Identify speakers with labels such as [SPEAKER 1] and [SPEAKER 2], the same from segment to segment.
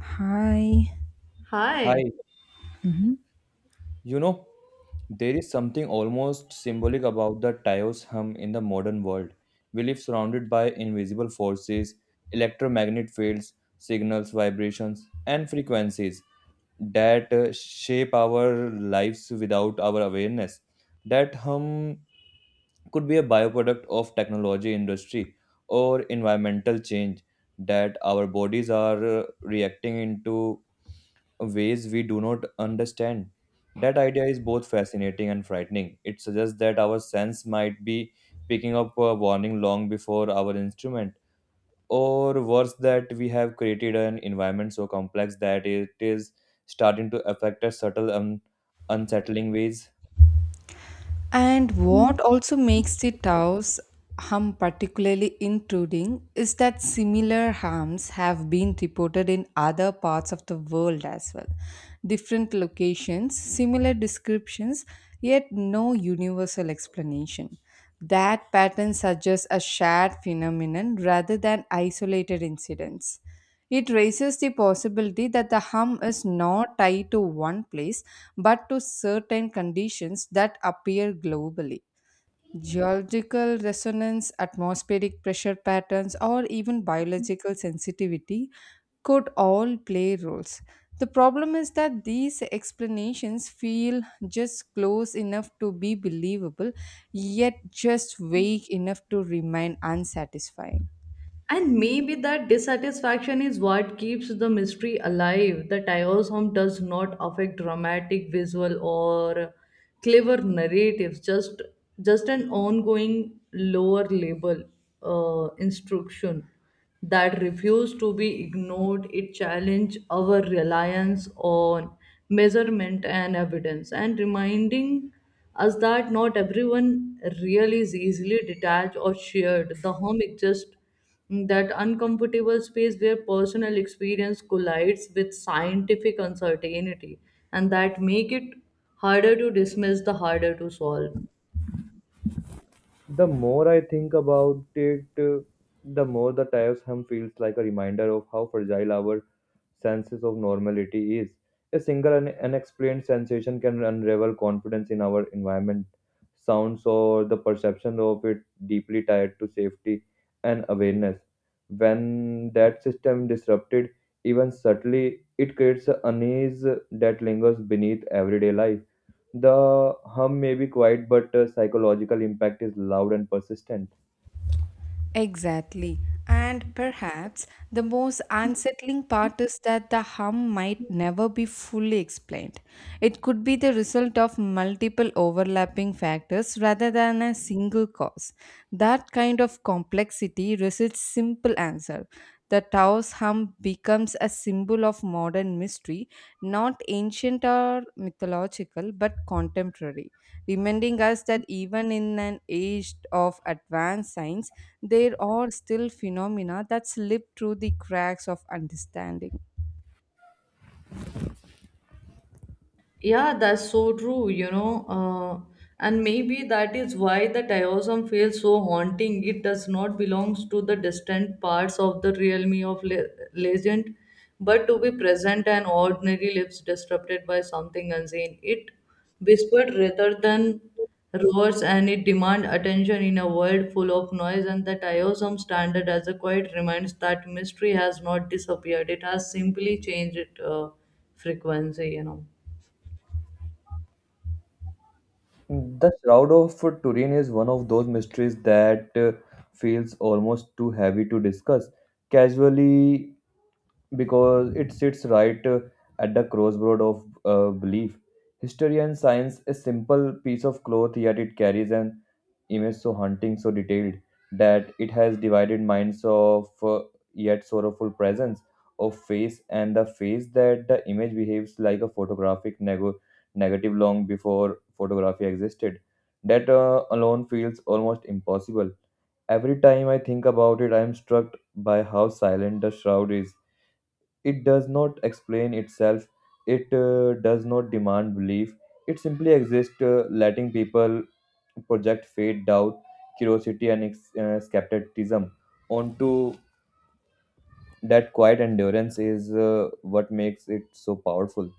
[SPEAKER 1] Hi.
[SPEAKER 2] Hi.
[SPEAKER 3] Hi,
[SPEAKER 1] Hmm.
[SPEAKER 3] you know, there is something almost symbolic about the Tao's hum in the modern world. We live surrounded by invisible forces, electromagnetic fields, signals, vibrations, and frequencies that shape our lives without our awareness. That hum could be a byproduct of technology industry or environmental change that our bodies are reacting into ways we do not understand. That idea is both fascinating and frightening. It suggests that our sense might be picking up a warning long before our instrument, or worse, that we have created an environment so complex that it is starting to affect us subtle and unsettling ways.
[SPEAKER 1] And what also makes the Taos hum particularly intruding is that similar hums have been reported in other parts of the world as well. Different locations, similar descriptions, yet no universal explanation. That pattern suggests a shared phenomenon rather than isolated incidents. It raises the possibility that the hum is not tied to one place but to certain conditions that appear globally. Geological resonance, atmospheric pressure patterns, or even biological sensitivity could all play roles. The problem is that these explanations feel just close enough to be believable, yet just vague enough to remain unsatisfying.
[SPEAKER 2] And maybe that dissatisfaction is what keeps the mystery alive. The Tao's home does not affect dramatic visual or clever narratives, just an ongoing lower level instruction that refuse to be ignored. It challenged our reliance on measurement and evidence and reminding us that not everyone really is easily detached or shared. The home is just that uncomfortable space where personal experience collides with scientific uncertainty, and that make it harder to dismiss, the harder to solve.
[SPEAKER 3] The more I think about it, the more the tire hum feels like a reminder of how fragile our senses of normality is. A single unexplained sensation can unravel confidence in our environment, sounds, or the perception of it deeply tied to safety and awareness. When that system disrupted, even subtly, it creates an unease that lingers beneath everyday life. The hum may be quiet, but psychological impact is loud and persistent.
[SPEAKER 1] Exactly. And perhaps the most unsettling part is that the hum might never be fully explained. It could be the result of multiple overlapping factors rather than a single cause. That kind of complexity resists simple answer. The Tao's hum becomes a symbol of modern mystery, not ancient or mythological, but contemporary reminding us that even in an age of advanced science, there are still phenomena that slip through the cracks of understanding.
[SPEAKER 2] Yeah, that's so true, and maybe that is why the Taoism feels so haunting. It does not belong to the distant parts of the realm of legend, but to be present and ordinary lives disrupted by something unseen. It whispered rather than roars, and it demands attention in a world full of noise. And the Taoism standard as a quiet reminds that mystery has not disappeared, it has simply changed its frequency, you know.
[SPEAKER 3] The Shroud of Turin is one of those mysteries that feels almost too heavy to discuss casually because it sits right at the crossroad of belief. History and science, a simple piece of cloth, yet it carries an image so haunting, so detailed that it has divided minds of yet sorrowful presence of face and the face that the image behaves like a photographic negative long before photography existed. That alone feels almost impossible. Every time I think about it, I am struck by how silent the shroud is. It does not explain itself, it does not demand belief, it simply exists, letting people project faith, doubt, curiosity, and skepticism onto that quiet endurance is what makes it so powerful.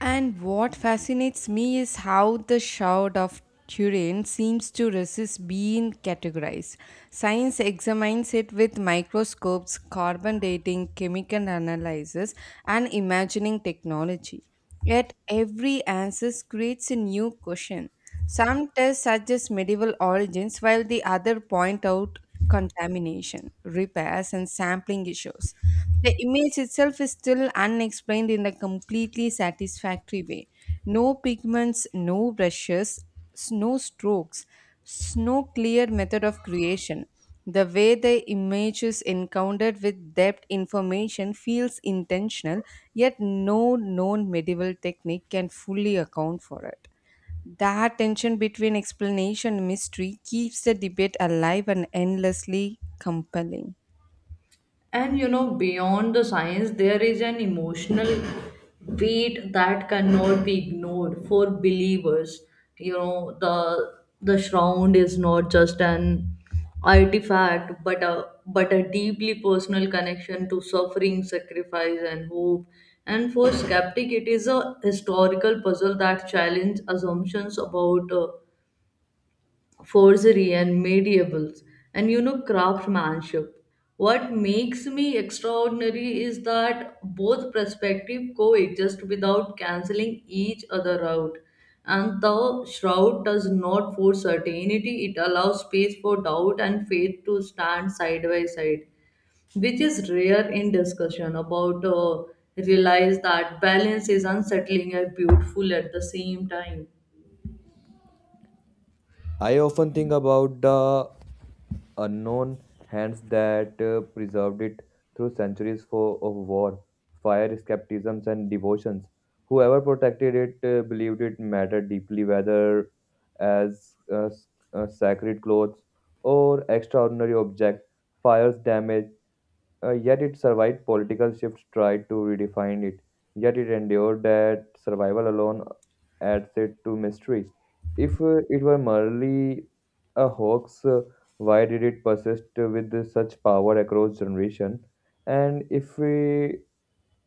[SPEAKER 1] And what fascinates me is how the Shroud of Turin seems to resist being categorized. Science examines it with microscopes, carbon dating, chemical analysis, and imagining technology. Yet every answer creates a new question. Some tests suggest medieval origins, while the other point out contamination, repairs, and sampling issues. The image itself is still unexplained in a completely satisfactory way. No pigments, no brushes, no strokes, no clear method of creation. The way the image is encountered with depth information feels intentional, yet no known medieval technique can fully account for it. That tension between explanation and mystery keeps the debate alive and endlessly compelling.
[SPEAKER 2] And you know, beyond the science there is an emotional weight that cannot be ignored for believers, you know, the shroud is not just an artifact, but a deeply personal connection to suffering, sacrifice, and hope. And for skeptic, it is a historical puzzle that challenges assumptions about forgery and medieval and, you know, craftsmanship. What makes me extraordinary is that both perspective coexist without canceling each other out, and the shroud does not force certainty. It allows space for doubt and faith to stand side by side, which is rare in discussion about, realize that balance is unsettling and beautiful at the same time.
[SPEAKER 3] I often think about the unknown hands that preserved it through centuries for, of war, fire, skepticisms, and devotions. Whoever protected it believed it mattered deeply, whether as sacred clothes or extraordinary object. Fires damage yet it survived political shifts tried to redefine it. Yet it endured that survival alone adds it to mystery. If it were merely a hoax, why did it persist with such power across generation? And if we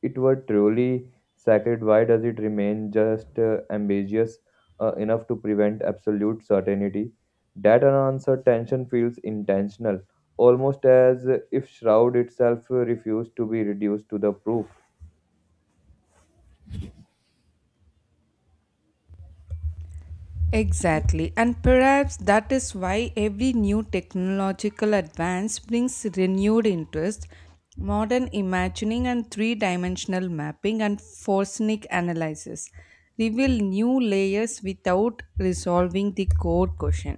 [SPEAKER 3] it were truly sacred, why does it remain just ambiguous enough to prevent absolute certainty? That unanswered tension feels intentional, almost as if Shroud itself refused to be reduced to the proof.
[SPEAKER 1] Exactly, and perhaps that is why every new technological advance brings renewed interest. Modern imagining and three dimensional mapping and forensic analysis reveal new layers without resolving the core question.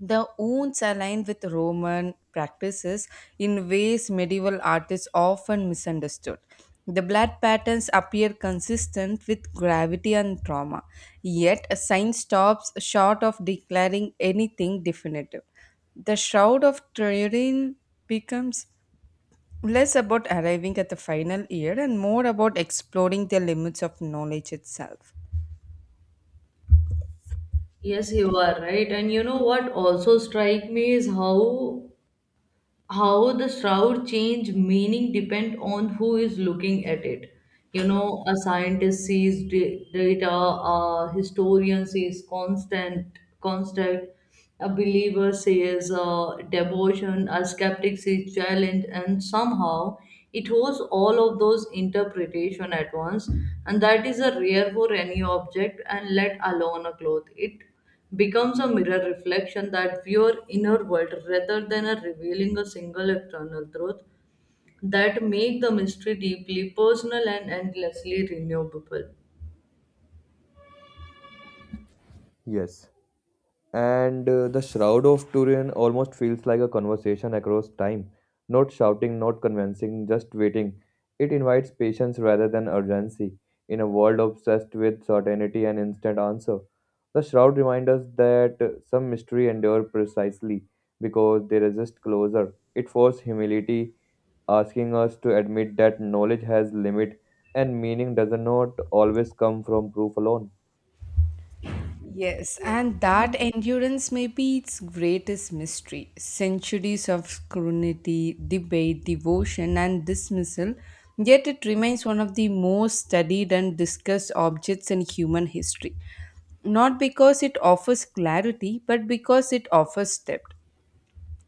[SPEAKER 1] The wounds align with Roman practices in ways medieval artists often misunderstood. The blood patterns appear consistent with gravity and trauma, yet science stops short of declaring anything definitive. The Shroud of Turin becomes less about arriving at the final year and more about exploring the limits of knowledge itself.
[SPEAKER 2] Yes, you are right. And you know what also strike me is how the shroud change meaning depend on who is looking at it. You know, a scientist sees data, a historian sees constant, a believer sees devotion, a skeptic sees challenge, and somehow it holds all of those interpretation at once, and that is a rare for any object, and let alone a cloth. It becomes a mirror reflection that viewer inner world rather than a revealing a single external truth. That make the mystery deeply personal and endlessly renewable.
[SPEAKER 3] Yes. And the shroud of Turin almost feels like a conversation across time. Not shouting, not convincing, just waiting. It invites patience rather than urgency. In a world obsessed with certainty and instant answer, the shroud reminds us that some mystery endure precisely because they resist closure. It forces humility, asking us to admit that knowledge has limit and meaning does not always come from proof alone.
[SPEAKER 1] Yes, and that endurance may be its greatest mystery. Centuries of scrutiny, debate, devotion, and dismissal, yet it remains one of the most studied and discussed objects in human history. Not because it offers clarity, but because it offers depth.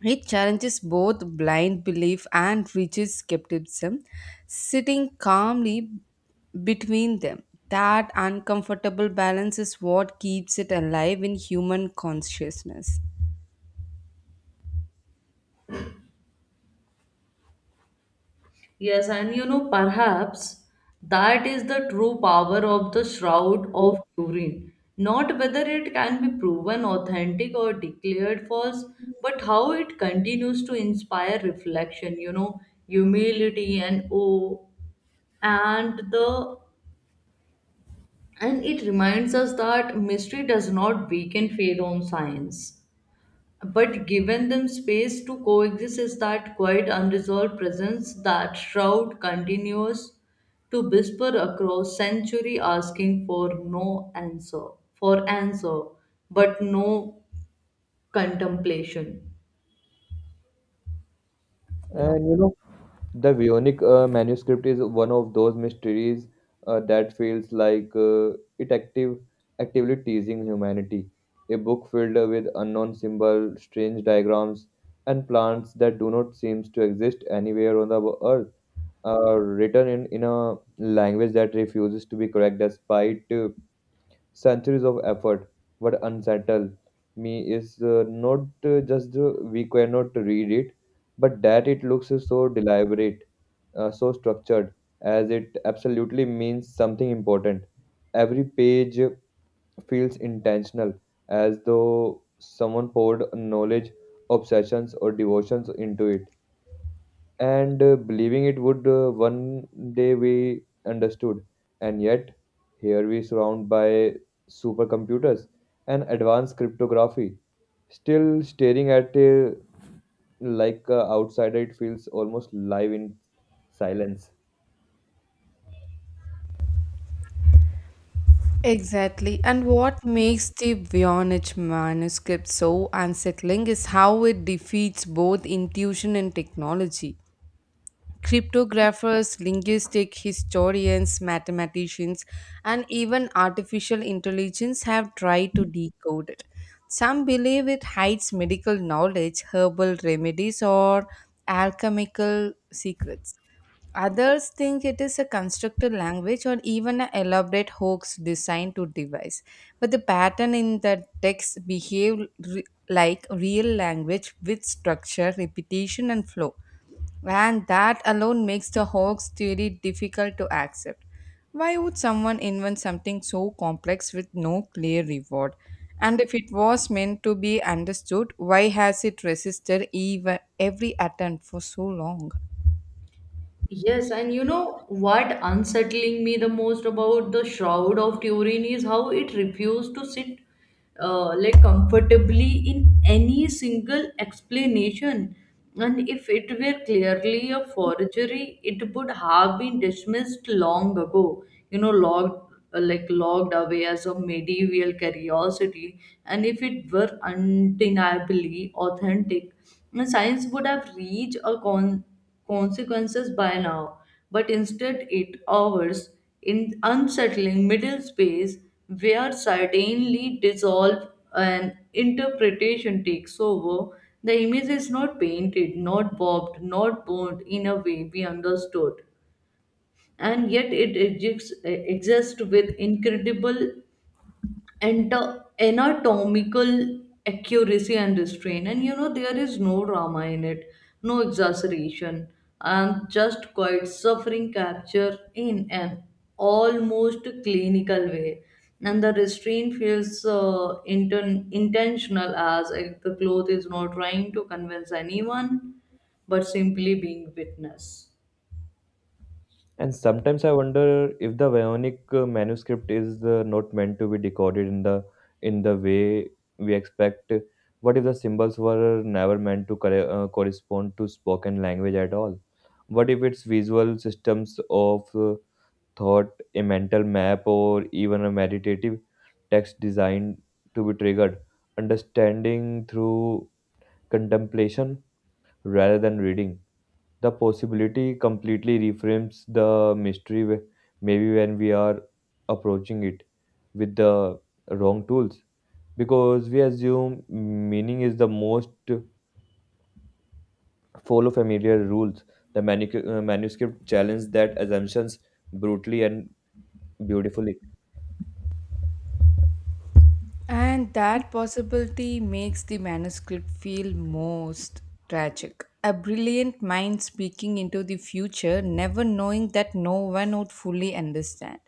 [SPEAKER 1] It challenges both blind belief and rigid skepticism, sitting calmly between them. That uncomfortable balance is what keeps it alive in human consciousness.
[SPEAKER 2] Yes, and you know, perhaps that is the true power of the Shroud of Turin. Not whether it can be proven authentic or declared false, but how it continues to inspire reflection, you know, humility and awe. And the, and it reminds us that mystery does not weaken faith on science, but given them space to coexist. Is that quiet unresolved presence that shroud continues to whisper across century, asking for no answer, for answer, but no contemplation, you know.
[SPEAKER 3] And you know, the Vionic manuscript is one of those mysteries that feels like it active, actively teasing humanity. A book filled with unknown symbols, strange diagrams, and plants that do not seem to exist anywhere on the earth. Written in a language that refuses to be correct despite centuries of effort. What unsettle me is not just we cannot read it, but that it looks so deliberate, so structured, as it absolutely means something important. Every page feels intentional, as though someone poured knowledge, obsessions, or devotions into it and believing it would one day we understood, and yet here we surround by supercomputers and advanced cryptography still staring at like outsider. It feels almost live in silence.
[SPEAKER 1] Exactly. And what makes the Voynich manuscript so unsettling is how it defeats both intuition and technology. Cryptographers, linguistic historians, mathematicians, and even artificial intelligence have tried to decode it. Some believe it hides medical knowledge, herbal remedies, or alchemical secrets. Others think it is a constructed language or even an elaborate hoax designed to devise. But the pattern in the text behave like real language with structure, repetition, and flow. And that alone makes the hoax theory difficult to accept. Why would someone invent something so complex with no clear reward? And if it was meant to be understood, why has it resisted even every attempt for so long?
[SPEAKER 2] Yes, and you know what unsettling me the most about the Shroud of Turin is how it refused to sit, like, comfortably in any single explanation. And if it were clearly a forgery, it would have been dismissed long ago. You know, logged like logged away as a medieval curiosity. And if it were undeniably authentic, science would have reached a consequences by now, but instead it hours in unsettling middle space where certainly dissolve and interpretation takes over. The image is not painted, not bobbed, not bound in a way we understood, and yet it exists with incredible and anatomical accuracy and restraint. And you know, there is no drama in it, no exaggeration, and just quite suffering capture in an almost clinical way. And the restraint feels intentional, as if the cloth is not trying to convince anyone but simply being witness.
[SPEAKER 3] And sometimes I wonder if the Vionic manuscript is not meant to be decoded in the way we expect. What if the symbols were never meant to correspond to spoken language at all? What if it's visual systems of thought, a mental map, or even a meditative text designed to be triggered, understanding through contemplation rather than reading? The possibility completely reframes the mystery. Maybe when we are approaching it with the wrong tools because we assume meaning is the most follow familiar rules, the manuscript challenged that assumptions brutally and beautifully.
[SPEAKER 1] And that possibility makes the manuscript feel most tragic. A brilliant mind speaking into the future, never knowing that no one would fully understand.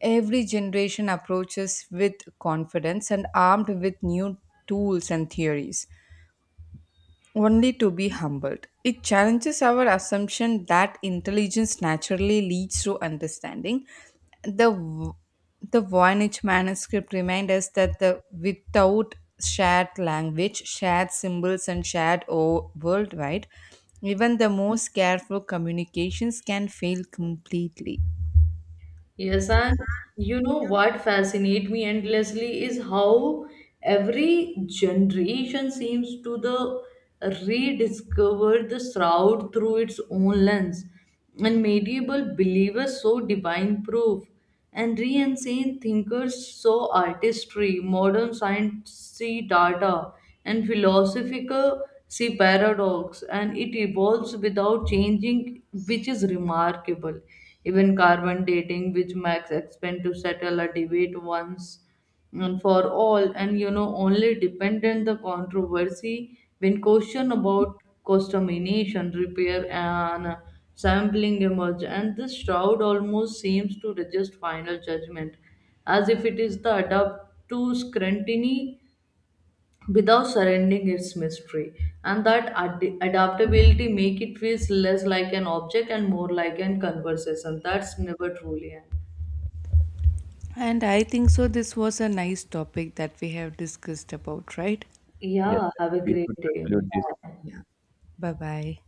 [SPEAKER 1] Every generation approaches with confidence and armed with new tools and theories only to be humbled. It challenges our assumption that intelligence naturally leads to understanding. The Voynich manuscript reminds us that the without shared language, shared symbols, and worldwide, even the most careful communications can fail completely.
[SPEAKER 2] Yes, and you know what fascinates me endlessly is how every generation seems to the rediscover the shroud through its own lens. And medieval believers so divine proof. And re-insane thinkers saw artistry, modern science see data, and philosophical see paradox, and it evolves without changing, which is remarkable. Even carbon dating, which Max expand to settle a debate once and for all, and you know, only dependent the controversy when question about contamination, repair, and sampling emerge. And this shroud almost seems to resist final judgment, as if it is the adapt to scrutiny without surrendering its mystery. And that adaptability make it feels less like an object and more like an conversation that's never truly end.
[SPEAKER 1] And I think so. This was a nice topic that we have discussed about, right?
[SPEAKER 3] Yes,
[SPEAKER 2] Yeah, have a
[SPEAKER 3] we
[SPEAKER 2] great
[SPEAKER 3] should
[SPEAKER 2] day.
[SPEAKER 3] conclude this.
[SPEAKER 2] Bye.
[SPEAKER 1] Yeah. Bye bye.